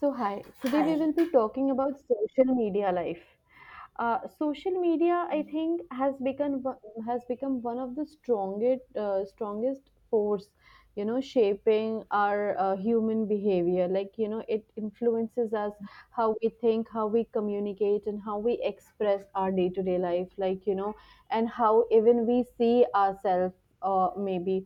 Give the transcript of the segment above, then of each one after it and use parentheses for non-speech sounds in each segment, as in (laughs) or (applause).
So, hi, today we Hi. will be talking about social media life. Social media, I think, has become has become one of the strongest strongest force, you know, shaping our human behavior. Like you know, it influences us how we think, how we communicate, and how we express our day to day life. Like you know, and how even we see ourselves, uh, maybe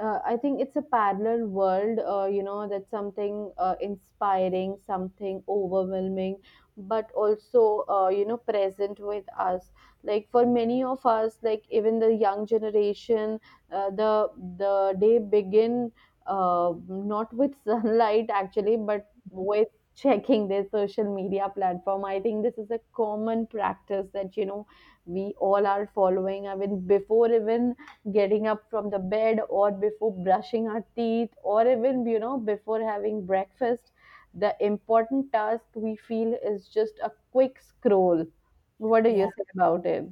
uh, I think it's a parallel world, you know, that's something inspiring, something overwhelming, but also, you know, present with us. Like for many of us, like even the young generation, uh, the the day begin, not with (laughs) sunlight actually, but with checking their social media platform. I think this is a common practice that you know we all are following. I mean, before even getting up from the bed or before brushing our teeth or even you know before having breakfast the important task we feel is just a quick scroll. What do you Yeah, say about it?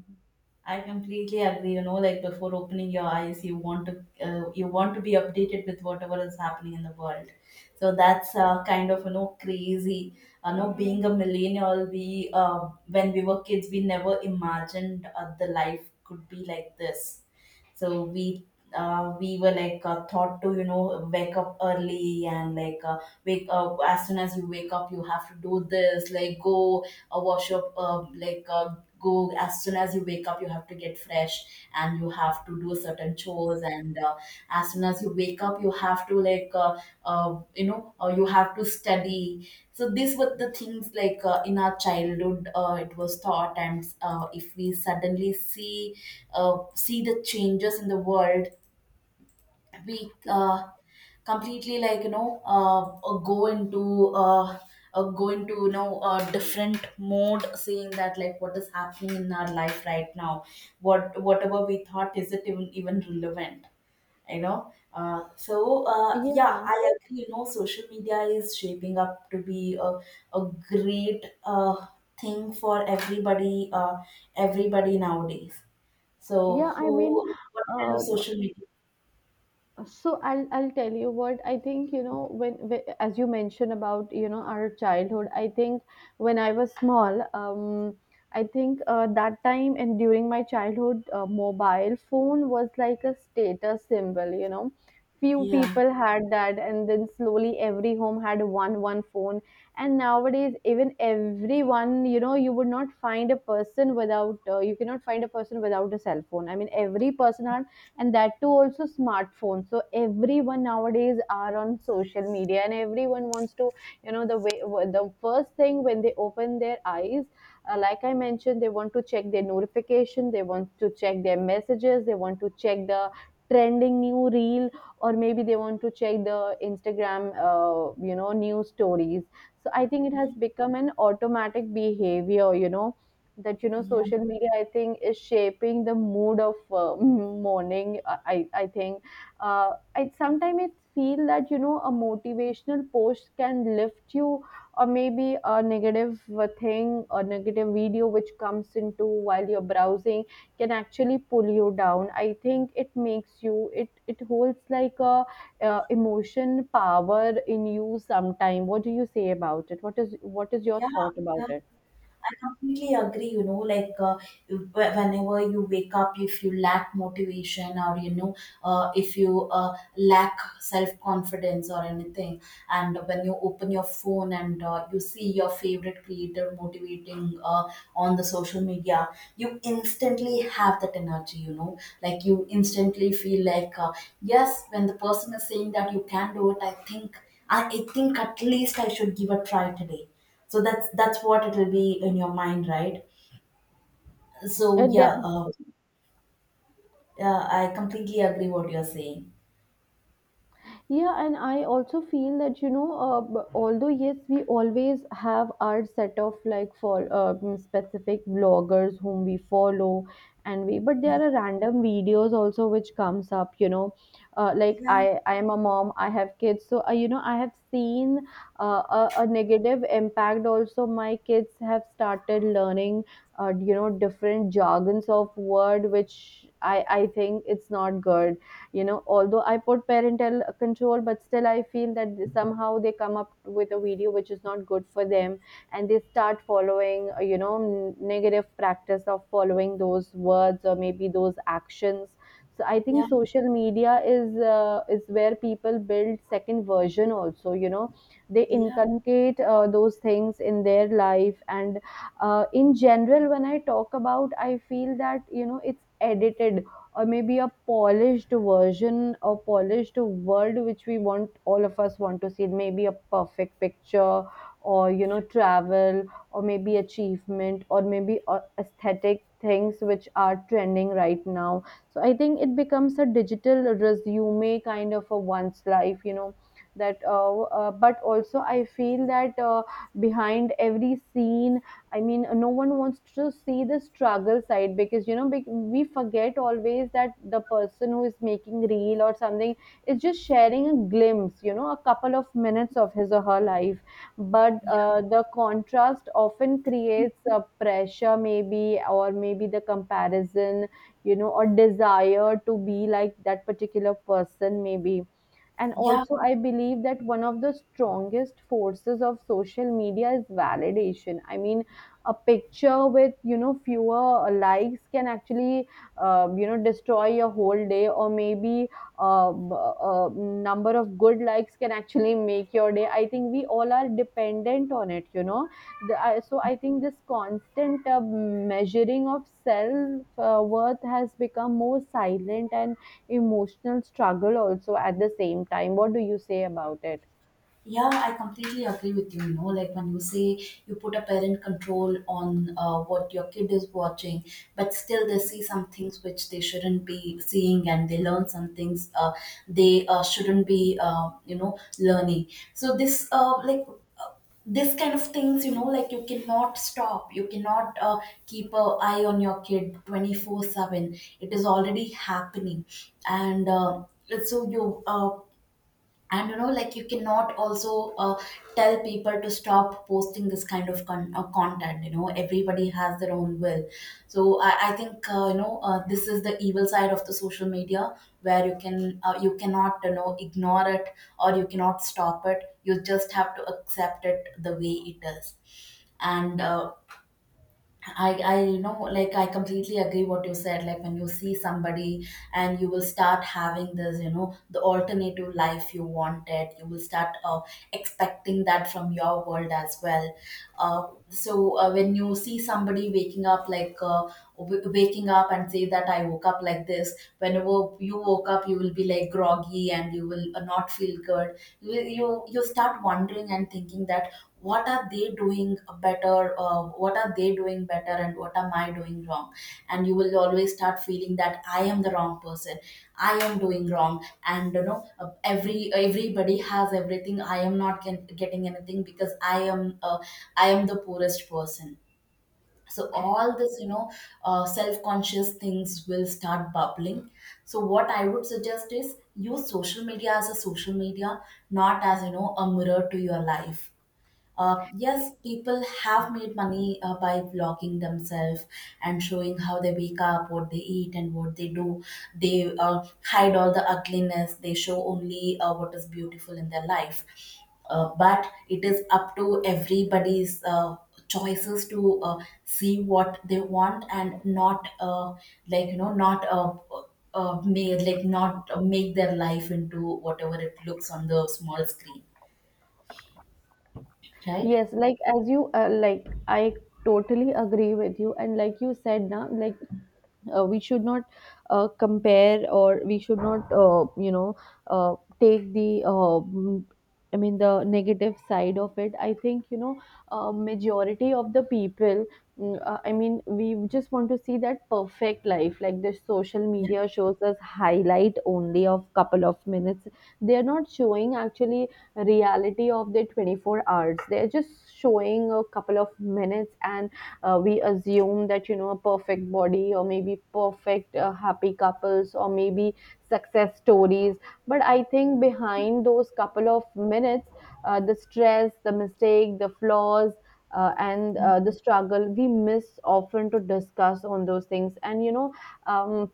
I completely agree. You know, like before opening your eyes, you want to you want to be updated with whatever is happening in the world. So that's kind of crazy. You know, being a millennial, we when we were kids, we never imagined the life could be like this. So we were like taught to wake up early, and like, wake up, as soon as you wake up you have to do this, like go, wash up, like go. As soon as you wake up you have to get fresh, and you have to do certain chores, and as soon as you wake up you have to like, you have to study. So these were the things, like, in our childhood, it was thought, and if we suddenly see, see the changes in the world, we completely, like, go into, you know, a different mode, seeing that, like, what is happening in our life right now, whatever we thought, is it even relevant. So yeah, Yeah, I agree. Social media is shaping up to be a great, thing for everybody, everybody nowadays. So yeah, I mean who what kind of uh, social media? so I'll tell you what I think. You know, when as you mentioned about you know our childhood, I think when I was small, I think that time and during my childhood, mobile phone was like a status symbol, you know, few Yeah, people had that, and then slowly every home had one phone. And nowadays, even everyone, you know, you would not find a person without you cannot find a person without a cell phone. I mean, every person, and that too also smartphones. So everyone nowadays are on social media, and everyone wants to, you know, the way the first thing when they open their eyes, like I mentioned, they want to check their notification, they want to check their messages, they want to check the trending new reel, or maybe they want to check the Instagram, you know, news stories. So I think it has yeah, become an automatic behavior, you know, that you know yeah, social media, I think, is shaping the mood of (laughs) morning. I think, uh, I sometimes it feel that you know a motivational post can lift you, or maybe a negative thing or negative video which comes into while you're browsing can actually pull you down. I think it makes you, it holds like a emotion power in you sometime. What do you say about it? What is, what is your yeah, thought about yeah. it? I completely agree. You know, like, whenever you wake up, if you lack motivation, or, if you lack self confidence or anything, and when you open your phone and you see your favorite creator motivating on the social media, you instantly have that energy. Like, you instantly feel like, yes, when the person is saying that you can do it, I think. I think at least I should give a try today. So that's what it will be in your mind, right? So and there, yeah, yeah, I completely agree what you're saying. Yeah, and I also feel that, you know, although yes, we always have our set of like for specific bloggers whom we follow, and but there are random videos also which comes up, you know, uh, like Yeah, I, I am a mom, I have kids. So, you know, I have seen a negative impact also. My kids have started learning, you know, different jargons of word, which I think it's not good. You know, although I put parental control, but still I feel that somehow they come up with a video which is not good for them, and they start following, you know, negative practice of following those words or maybe those actions. So I think yeah, social media is, is where people build second version also, you know. They yeah, inculcate those things in their life, and in general when I talk about, I feel that you know it's edited, or maybe a polished version or polished world which we want, all of us want to see, maybe a perfect picture, or you know travel, or maybe achievement, or maybe aesthetic things which are trending right now. So I think it becomes a digital resume kind of a one's life, you know. That But also I feel that, behind every scene, I mean, no one wants to see the struggle side, because you know we forget always that the person who is making reel or something is just sharing a glimpse, you know, a couple of minutes of his or her life. But the contrast often creates a pressure, maybe, or maybe the comparison, you know, or desire to be like that particular person, maybe. And yeah. also, I believe that one of the strongest forces of social media is validation. I mean, a picture with, you know, fewer likes can actually, you know, destroy your whole day, or maybe uh, b- a number of good likes can actually make your day. I think we all are dependent on it, you know. So I think this constant measuring of self worth has become more silent and emotional struggle also at the same time. What do you say about it? Yeah, I completely agree with you. You know, like when you say you put a parent control on, what your kid is watching, but still they see some things which they shouldn't be seeing, and they learn some things they, shouldn't be, learning. So this, uh, this kind of things, you know, like you cannot stop. You cannot keep an eye on your kid 24/7. It is already happening, and so you. And you know, like you cannot also tell people to stop posting this kind of content. You know, everybody has their own will. So I think this is the evil side of the social media, where you cannot ignore it, or you cannot stop it. You just have to accept it the way it is. And I like I completely agree what you said, like when you see somebody, and you will start having this, the alternative life you wanted. You will start expecting that from your world as well. So when you see somebody waking up, like, waking up and say that I woke up like this. Whenever you woke up, you will be like groggy and you will not feel good. You, will- you start wondering and thinking that, what are they doing better? What are they doing better, and what am I doing wrong? And you will always start feeling that I am the wrong person. I am doing wrong, and you know, everybody has everything. I am not getting anything because I am the poorest person. So all this, you know, self-conscious things will start bubbling. So what I would suggest is, use social media as a social media, not as, you know, a mirror to your life. Yes, people have made money by vlogging themselves, and showing how they wake up, what they eat, and what they do. They hide all the ugliness, they show only what is beautiful in their life. But it is up to everybody's choices to see what they want, and not, like, not. Make their life into whatever it looks on the small screen, right? Yes like as you uh, like i totally agree with you, and like you said now, we should not compare, or we should not, you know, uh, take the, I mean, the negative side of it. I think, you know, majority of the people, I mean, we just want to see that perfect life like the social Yeah, media shows us, highlight only of couple of minutes. They are not showing actually reality of the 24 hours. They're just showing a couple of minutes. And we assume that you know a perfect body, or maybe perfect happy couples, or maybe success stories. But I think behind those couple of minutes, the stress, the mistake, the flaws, and the struggle, we miss often to discuss on those things. And you know, um,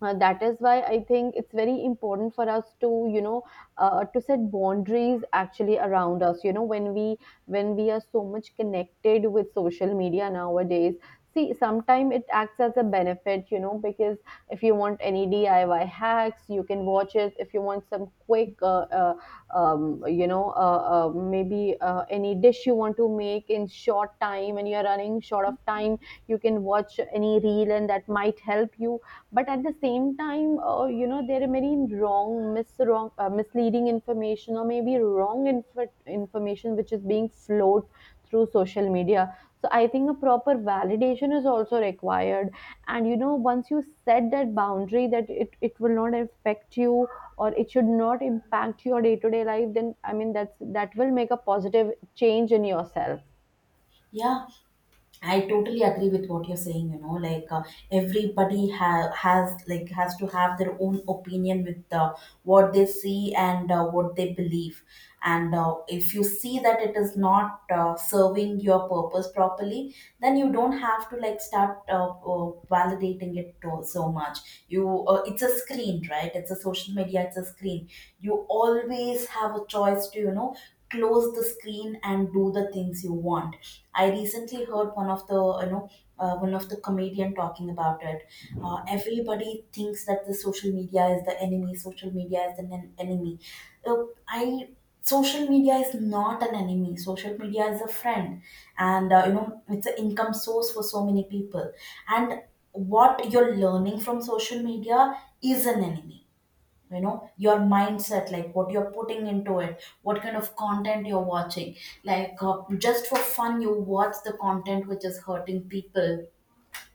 that is why I think it's very important for us to, you know, to set boundaries actually around us. You know, when we are so much connected with social media nowadays. See, sometimes it acts as a benefit, you know, because if you want any DIY hacks, you can watch it. If you want some quick, you know, maybe any dish you want to make in short time and you're running short of time, you can watch any reel and that might help you. But at the same time, you know, there are many wrong misleading information or maybe wrong information which is being flowed through social media. So I think a proper validation is also required. And you know, once you set that boundary that it will not affect you or it should not impact your day to day life, then I mean that's, that will make a positive change in yourself. yeah. I totally agree with what you're saying. You know, like, everybody has to have their own opinion with what they see and what they believe. And if you see that it is not serving your purpose properly, then you don't have to like start, validating it so much. It's a screen, right? It's a social media. It's a screen. You always have a choice to, close the screen and do the things you want. I recently heard one of the, you know, one of the comedian talking about it. Everybody thinks that the social media is the enemy, social media is an enemy. Uh, I Social media is not an enemy, social media is a friend. And you know, it's an income source for so many people. And what you're learning from social media is an enemy. You know, your mindset, like what you're putting into it, what kind of content you're watching, like, just for fun you watch the content which is hurting people.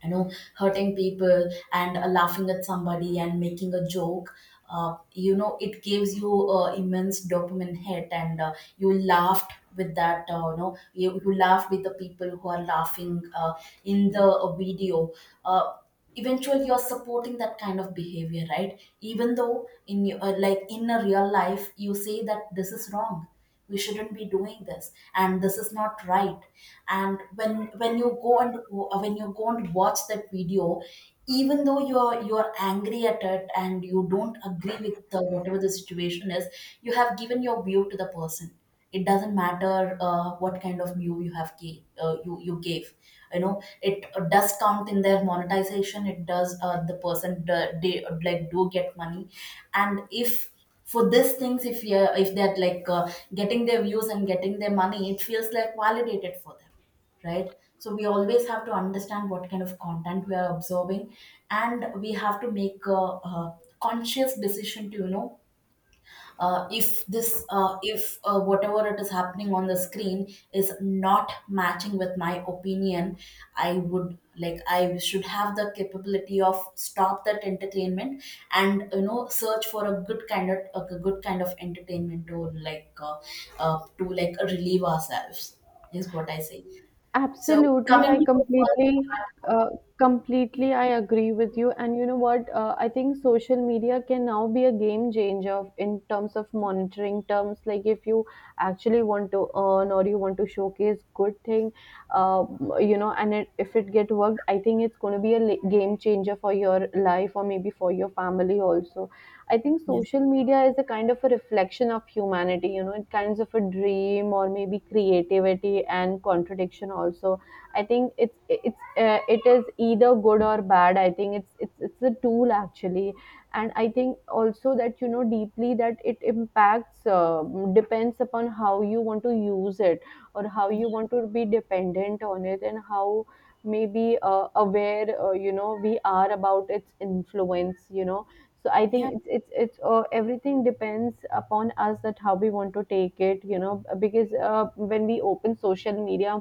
You know, hurting people, and laughing at somebody and making a joke. You know, it gives you immense dopamine hit, and you laughed with that, you laughed with the people who are laughing in the video. uh, Eventually you're supporting that kind of behavior, right? Even though in your, like in a real life, you say that this is wrong, we shouldn't be doing this, and this is not right. And when you go and, when you go and watch that video, even though you're angry at it, and you don't agree with whatever the situation is, you have given your view to the person. It doesn't matter what kind of view you have gave. You know, it does count in their monetization. It does, the person, they like do get money. And if, for these things, if you if they're like, getting their views and getting their money, it feels like validated for them, right? So we always have to understand what kind of content we are absorbing, and we have to make a conscious decision to, you know, if this if whatever it is happening on the screen is not matching with my opinion. I would like I should have the capability of stop that entertainment, and, you know, search for a good kind of entertainment to like, relieve ourselves, is what I say. So Absolutely, coming I to the first completely, part. uh, completely, I agree with you. And you know what? I think social media can now be a game changer in terms of monitoring terms. Like if you actually want to earn or you want to showcase good thing, uh, you know, and if it get worked, I think it's going to be a game changer for your life or maybe for your family also. I think Yeah, social media is a kind of a reflection of humanity, you know, it kinds of a dream or maybe creativity and contradiction also. I think it is either good or bad. I think it's a tool actually, and I think also that you know deeply that it impacts, depends upon how you want to use it or how you want to be dependent on it, and how maybe aware, you know, we are about its influence, you know. So I yeah, think it's everything depends upon us, that how we want to take it, you know, because when we open social media,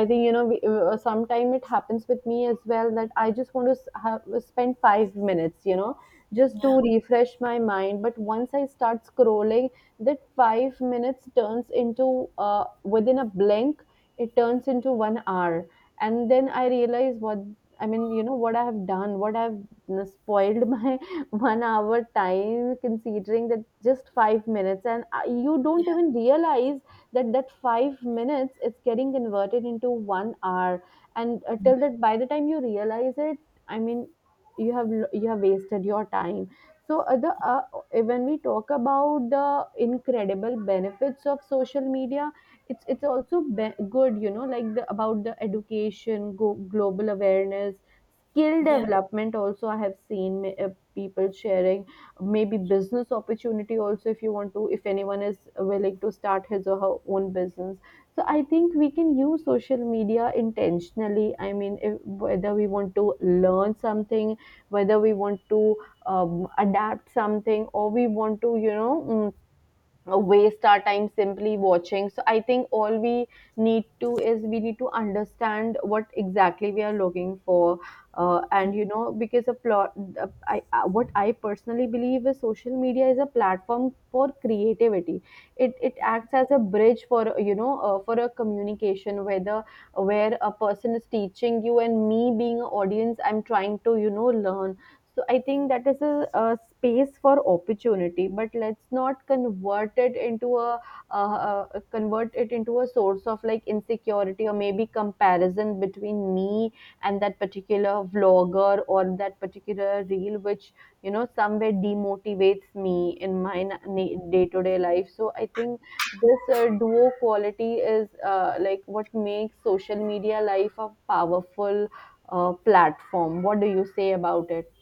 I think, you know, sometime it happens with me as well that I just want to spend 5 minutes, you know, just yeah, to refresh my mind. But once I start scrolling, that 5 minutes turns into, uh, within a blink, it turns into 1 hour. And then I realize what, I mean, you know what I have done, what I've spoiled (laughs) my (laughs) 1 hour time, considering that just 5 minutes. And you don't even realize that 5 minutes is getting converted into 1 hour. And till that, by the time you realize it, I mean, you have you have wasted your time. So the when we talk about the incredible benefits of social media, it's also good, you know, like the about the education, global awareness, skill yeah. development also. I have seen people sharing maybe business opportunity also, if you want to, if anyone is willing to start his or her own business. So I think we can use social media intentionally. I mean, if, whether we want to learn something, whether we want to adapt something Or we want to waste our time simply watching. So I think all we need to is we need to understand what exactly we are looking for, and you know because a plot I, what I personally believe is social media is a platform for creativity. It acts as a bridge for for a communication, whether where a person is teaching, you and me being an audience, I'm trying to learn. So I think that is a space for opportunity, but let's not convert it into uh, convert it into a source of like insecurity or maybe comparison between me and that particular vlogger or that particular reel which somewhere demotivates me in my day to day life. So I think this duo quality is like what makes social media life a powerful platform. What do you say about it?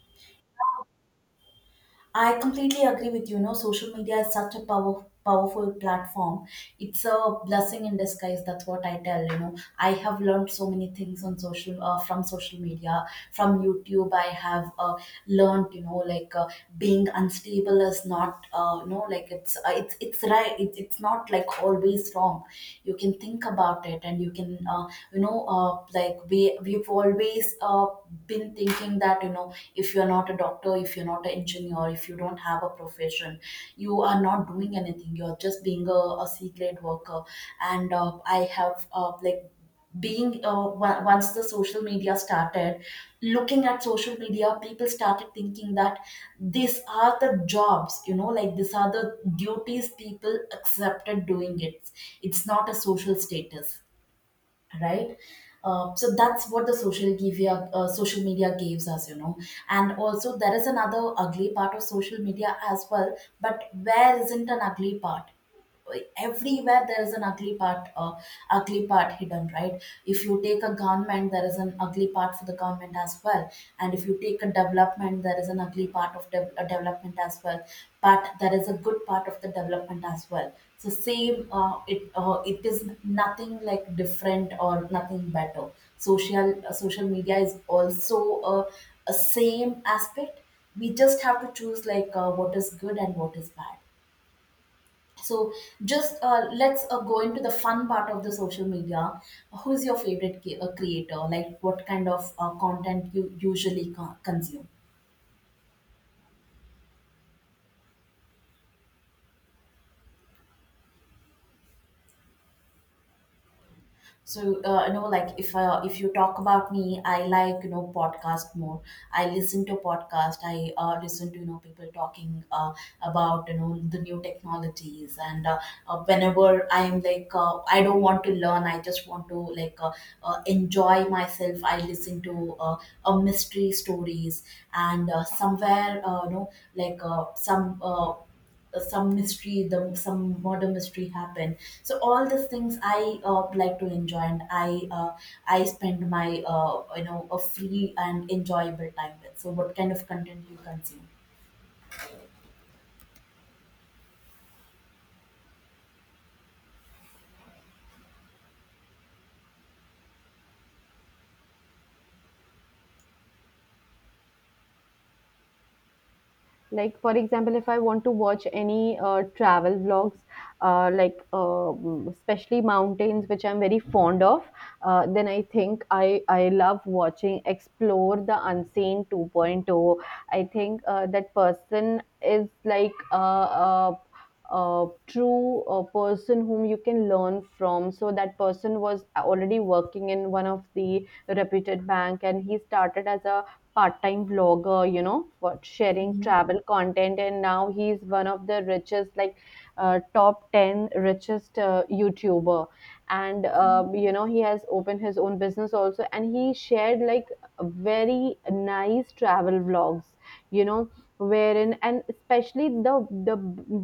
I completely agree with you. You know, social media is such a powerful platform. It's a blessing in disguise. That's what I tell. You know, I have learned so many things on social from social media, from YouTube. I have learned, like being unstable is not, like it's right, it's not like always wrong. You can think about it, and you can you know uh, like we've always been thinking that, if you're not a doctor, if you're not an engineer, if you don't have a profession, you are not doing anything, you're just being a c grade worker. And I have like being once the social media started, looking at social media, people started thinking that these are the jobs, like these are the duties people accepted doing it. It's not a social status, right? So that's what the social media social media gives us. And also there is another ugly part of social media as well, but where isn't an ugly part? Like, everywhere there is an ugly part hidden, right? If you take a government, there is an ugly part for the government as well. And if you take a development, there is an ugly part of development as well. But there is a good part of the development as well. So same, it is nothing like different or nothing better. Social social media is also a same aspect. We just have to choose, like, what is good and what is bad. So just let's go into the fun part of the social media. Who is your favorite creator? Like, what kind of content you usually consume? So you know, like if you talk about me, I like, podcast more. I listen to podcast. I listen to, people talking about, the new technologies. And whenever I'm like, I don't want to learn, I just want to like enjoy myself. I listen to mystery stories, and somewhere, you know, like some mystery, the some murder mystery happen. So all these things I like to enjoy, and I spend my, a free and enjoyable time with. So what kind of content you consume? Like for example, if I want to watch any travel vlogs, especially mountains, which I'm very fond of, then I think I love watching Explore the Unseen 2.0. I think that person is like a true person whom you can learn from. So that person was already working in one of the reputed bank, and he started as a part-time vlogger, you know, for sharing Yeah, travel content, and now he's one of the richest, like, top ten richest YouTuber. And yeah, you know, he has opened his own business also, and he shared like very nice travel vlogs, you know, wherein and especially the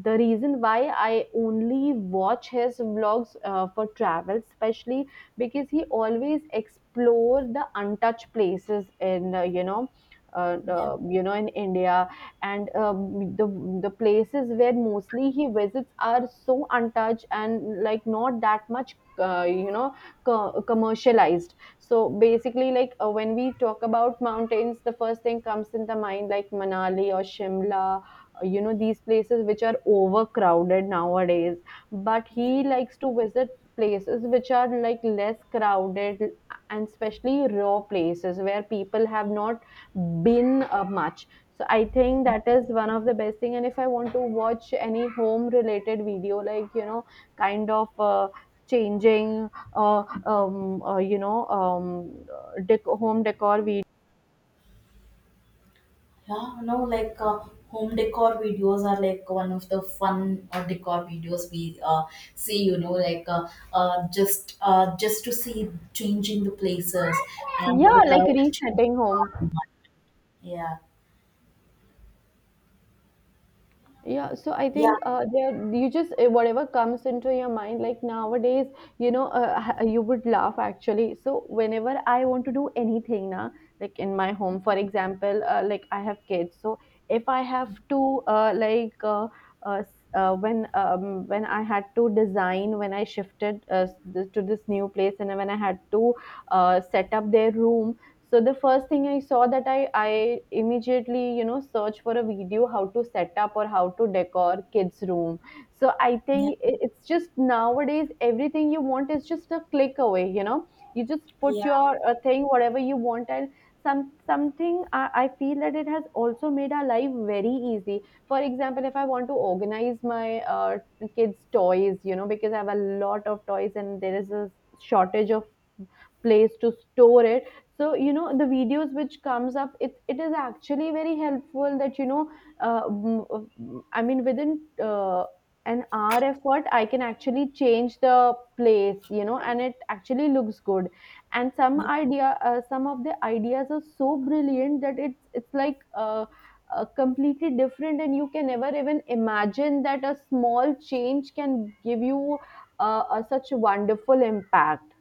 the reason why I only watch his vlogs for travel, especially because he always explore the untouched places in in India. And the places where mostly he visits are so untouched and like not that much, commercialized. So basically, like when we talk about mountains, the first thing comes in the mind like Manali or Shimla, these places which are overcrowded nowadays, but he likes to visit places which are like less crowded, and especially raw places where people have not been much. So I think that is one of the best thing. And if I want to watch any home related video, like you know, kind of changing, uh, home decor video. yeah. No, like, home decor videos are like one of the fun decor videos we see. You know, like, just to see changing the places and Yeah, like without changing resetting home. the environment. Yeah, Yeah, so I yeah, think there you just eh, whatever comes into your mind. Like nowadays, you know, you would laugh actually. So whenever I want to do anything now, like in my home, for example, like I have kids, so if I have to when I had to design, when I shifted to this new place, and when I had to set up their room. So the first thing I saw that I immediately, you know, search for a video how to set up or how to decor kids room. So I yeah, think it's just nowadays everything you want is just a click away, you know. You just put yeah. your thing, whatever you want, and some something I feel that it has also made our life very easy. For example, if I want to organize my kids toys, you know, because I have a lot of toys and there is a shortage of place to store it. So you know, the videos which comes up, it is actually very helpful that you know, I mean within uh, an hour effort, I can actually change the place, you know, and it actually looks good. And some Yep, idea, some of the ideas are so brilliant that it's like uh, completely different, and you can never even imagine that a small change can give you such wonderful impact.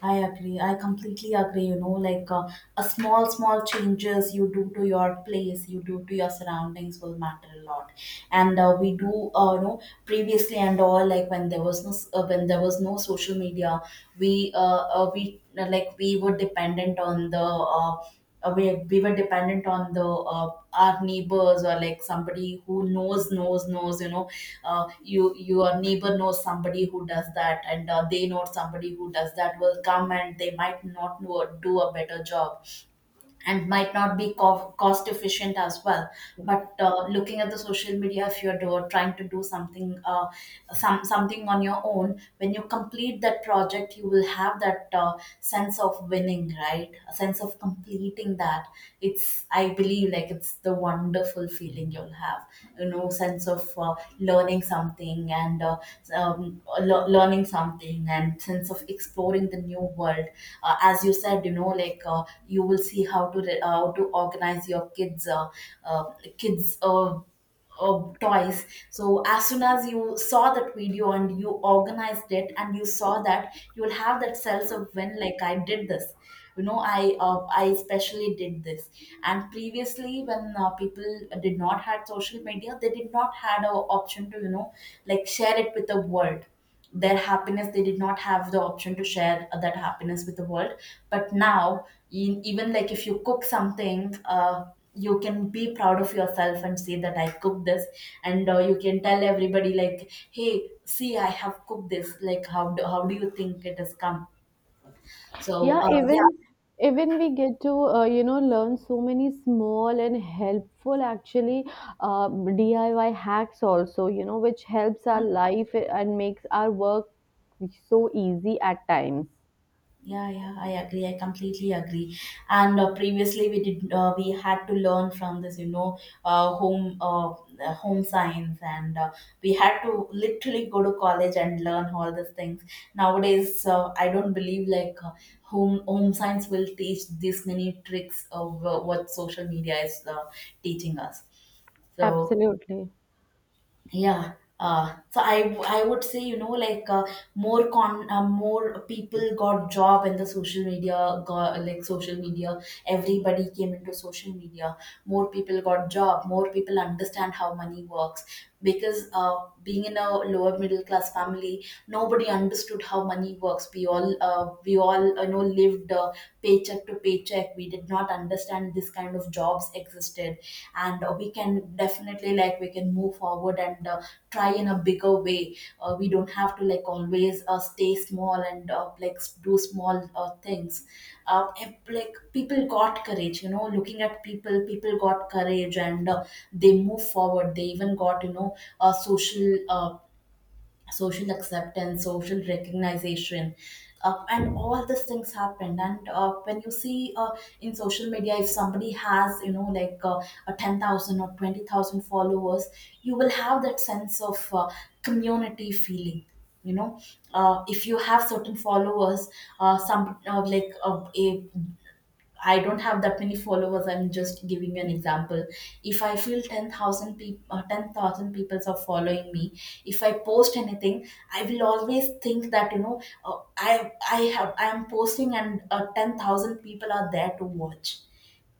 I agree. I completely agree. You know, like, a small, small changes you do to your place, you do to your surroundings will matter a lot. And we do, you know, previously and all, like when there was no, s- when there was no social media, we, like we were dependent on the, we were dependent on the, our neighbors, or like somebody who knows, you know, your neighbor knows somebody who does that, and they know somebody who does that will come, and they might not know, do a better job, and might not be cost efficient as well. But looking at the social media, if you're trying to do something, something on your own, when you complete that project, you will have that sense of winning, right? A sense of completing that. It's, I believe, like it's the wonderful feeling you'll have, sense of learning something, and learning something, and sense of exploring the new world. As you said, you know, like, you will see how to organize your kids, uh, kids uh, toys. So as soon as you saw that video and you organized it and you saw that, you will have that sense of when, like, I did this. You know, I especially did this. And previously, when people did not had social media, they did not had a option to, you know, like share it with the world, their happiness. They did not have the option to share that happiness with the world. But now in, even, like, if you cook something, you can be proud of yourself and say that I cooked this. And you can tell everybody, like, hey, see, I have cooked this, like, how do you think it has come? So Yeah, yeah. even even we get to you know learn so many small and helpful actually diy hacks also, you know, which helps our life and makes our work so easy at times. Yeah, yeah, I agree. I completely agree. And previously, we had to learn from this, you know, home, home science, and we had to literally go to college and learn all these things. Nowadays, I don't believe like, home science will teach this many tricks of what social media is teaching us. So Absolutely. yeah. So I would say, you know, like, more people got job in the social media, got like social media, everybody came into social media, more people got job, more people understand how money works. Because being in a lower middle class family, nobody understood how money works. We all you know, lived, paycheck to paycheck. We did not understand this kind of jobs existed. And we can definitely, like, we can move forward, and try in a bigger way. We don't have to, like, always stay small and like do small things. Like people got courage, you know, looking at people got courage, and they move forward. They even got, you know, social, acceptance, social recognition. And all these things happened. And when you see, in social media, if somebody has, you know, like, a 10,000 or 20,000 followers, you will have that sense of community feeling, you know. If you have certain followers, some like a I don't have that many followers. I'm just giving you an example. If I feel 10,000 people, 10,000 people are following me, if I post anything, I will always think that, you know, I am posting, and 10,000 people are there to watch.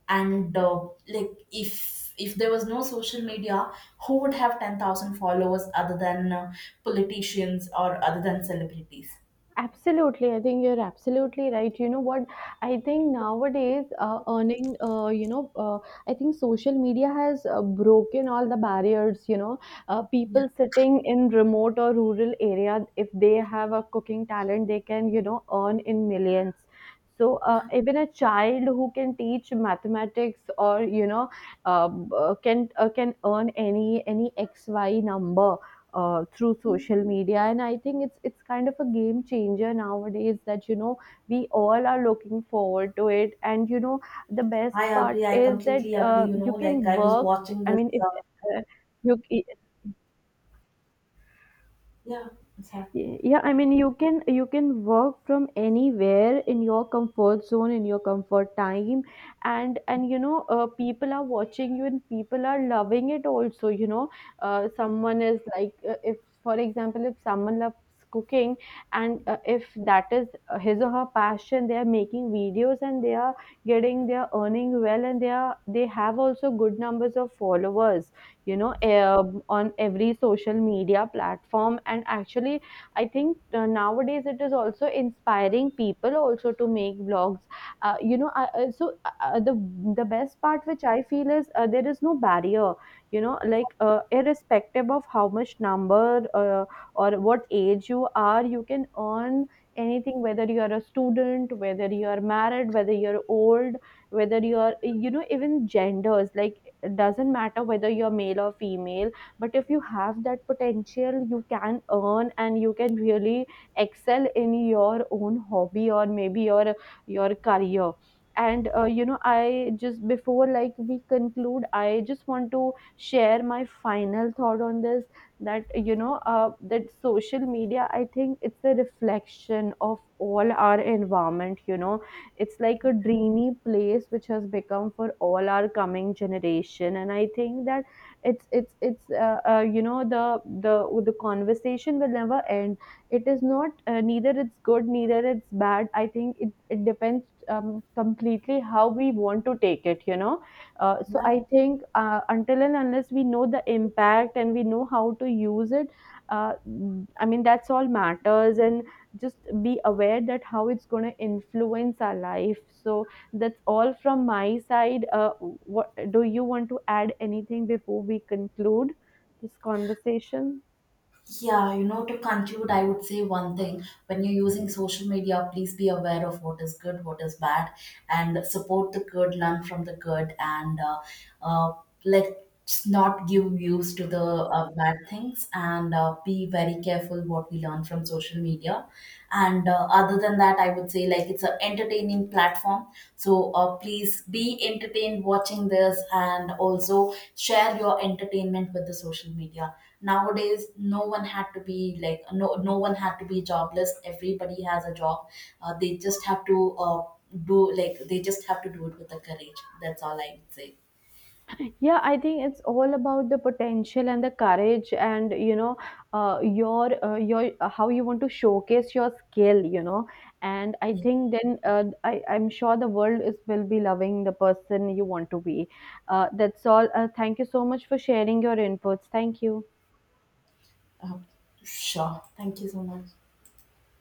And like, if there was no social media, who would have 10,000 followers other than politicians or other than celebrities? Absolutely, I think you're absolutely right. You know what? I think nowadays, earning, I think social media has broken all the barriers. You know, people sitting in remote or rural area, if they have a cooking talent, they can, you know, earn in millions. So Yeah, even a child who can teach mathematics or you know can earn any X Y number through social media. And I think it's kind of a game changer nowadays, that you know we all are looking forward to it. And you know, the best I part agree, I is that completely agree, you you know, can like I was work. watching I this, mean, if uh, you. yeah, exactly. Y- yeah, I mean you can work from anywhere, in your comfort zone, in your comfort time, and you know, people are watching you and people are loving it also, you know. Someone is like if for example, if someone loves cooking, and if that is his or her passion, they are making videos and they are getting, they are earning well, and they are they have also good numbers of followers, you know, on every social media platform. And actually I think nowadays it is also inspiring people also to make vlogs, you know I, so the best part which I feel is there is no barrier, you know, like irrespective of how much number or what age you are, you can earn anything, whether you are a student, whether you are married, whether you're old, whether you're you know, even genders, like it doesn't matter whether you're male or female. But if you have that potential, you can earn and you can really excel in your own hobby or maybe your career. And you know, I just before like we conclude, I just want to share my final thought on this, that you know that social media, I think it's a reflection of all our environment, you know. It's like a dreamy place which has become for all our coming generation. And I think that it's you know, the the conversation will never end. It is not neither it's good neither it's bad. I think it depends completely how we want to take it, you know. So Yeah. I think until and unless we know the impact and we know how to use it, uh, I mean, that's all matters, and just be aware that how it's going to influence our life. So that's all from my side. What, do you want to add anything before we conclude this conversation? Yeah, you know, to conclude, I would say one thing. When you're using social media, please be aware of what is good, what is bad, and support the good, learn from the good, and uh, let's not give views to the bad things, and be very careful what we learn from social media. And other than that, I would say, like, it's an entertaining platform. So please be entertained watching this, and also share your entertainment with the social media. Nowadays, no one had to be, like, no one had to be jobless. Everybody has a job. They just have to, do, like, they just have to do it with the courage. That's all I would say. Yeah, I think it's all about the potential and the courage, and you know, your how you want to showcase your skill, you know. And I Yeah. think then I'm sure the world is will be loving the person you want to be. That's all. Thank you so much for sharing your inputs. Thank you. uh, sure, thank you so much.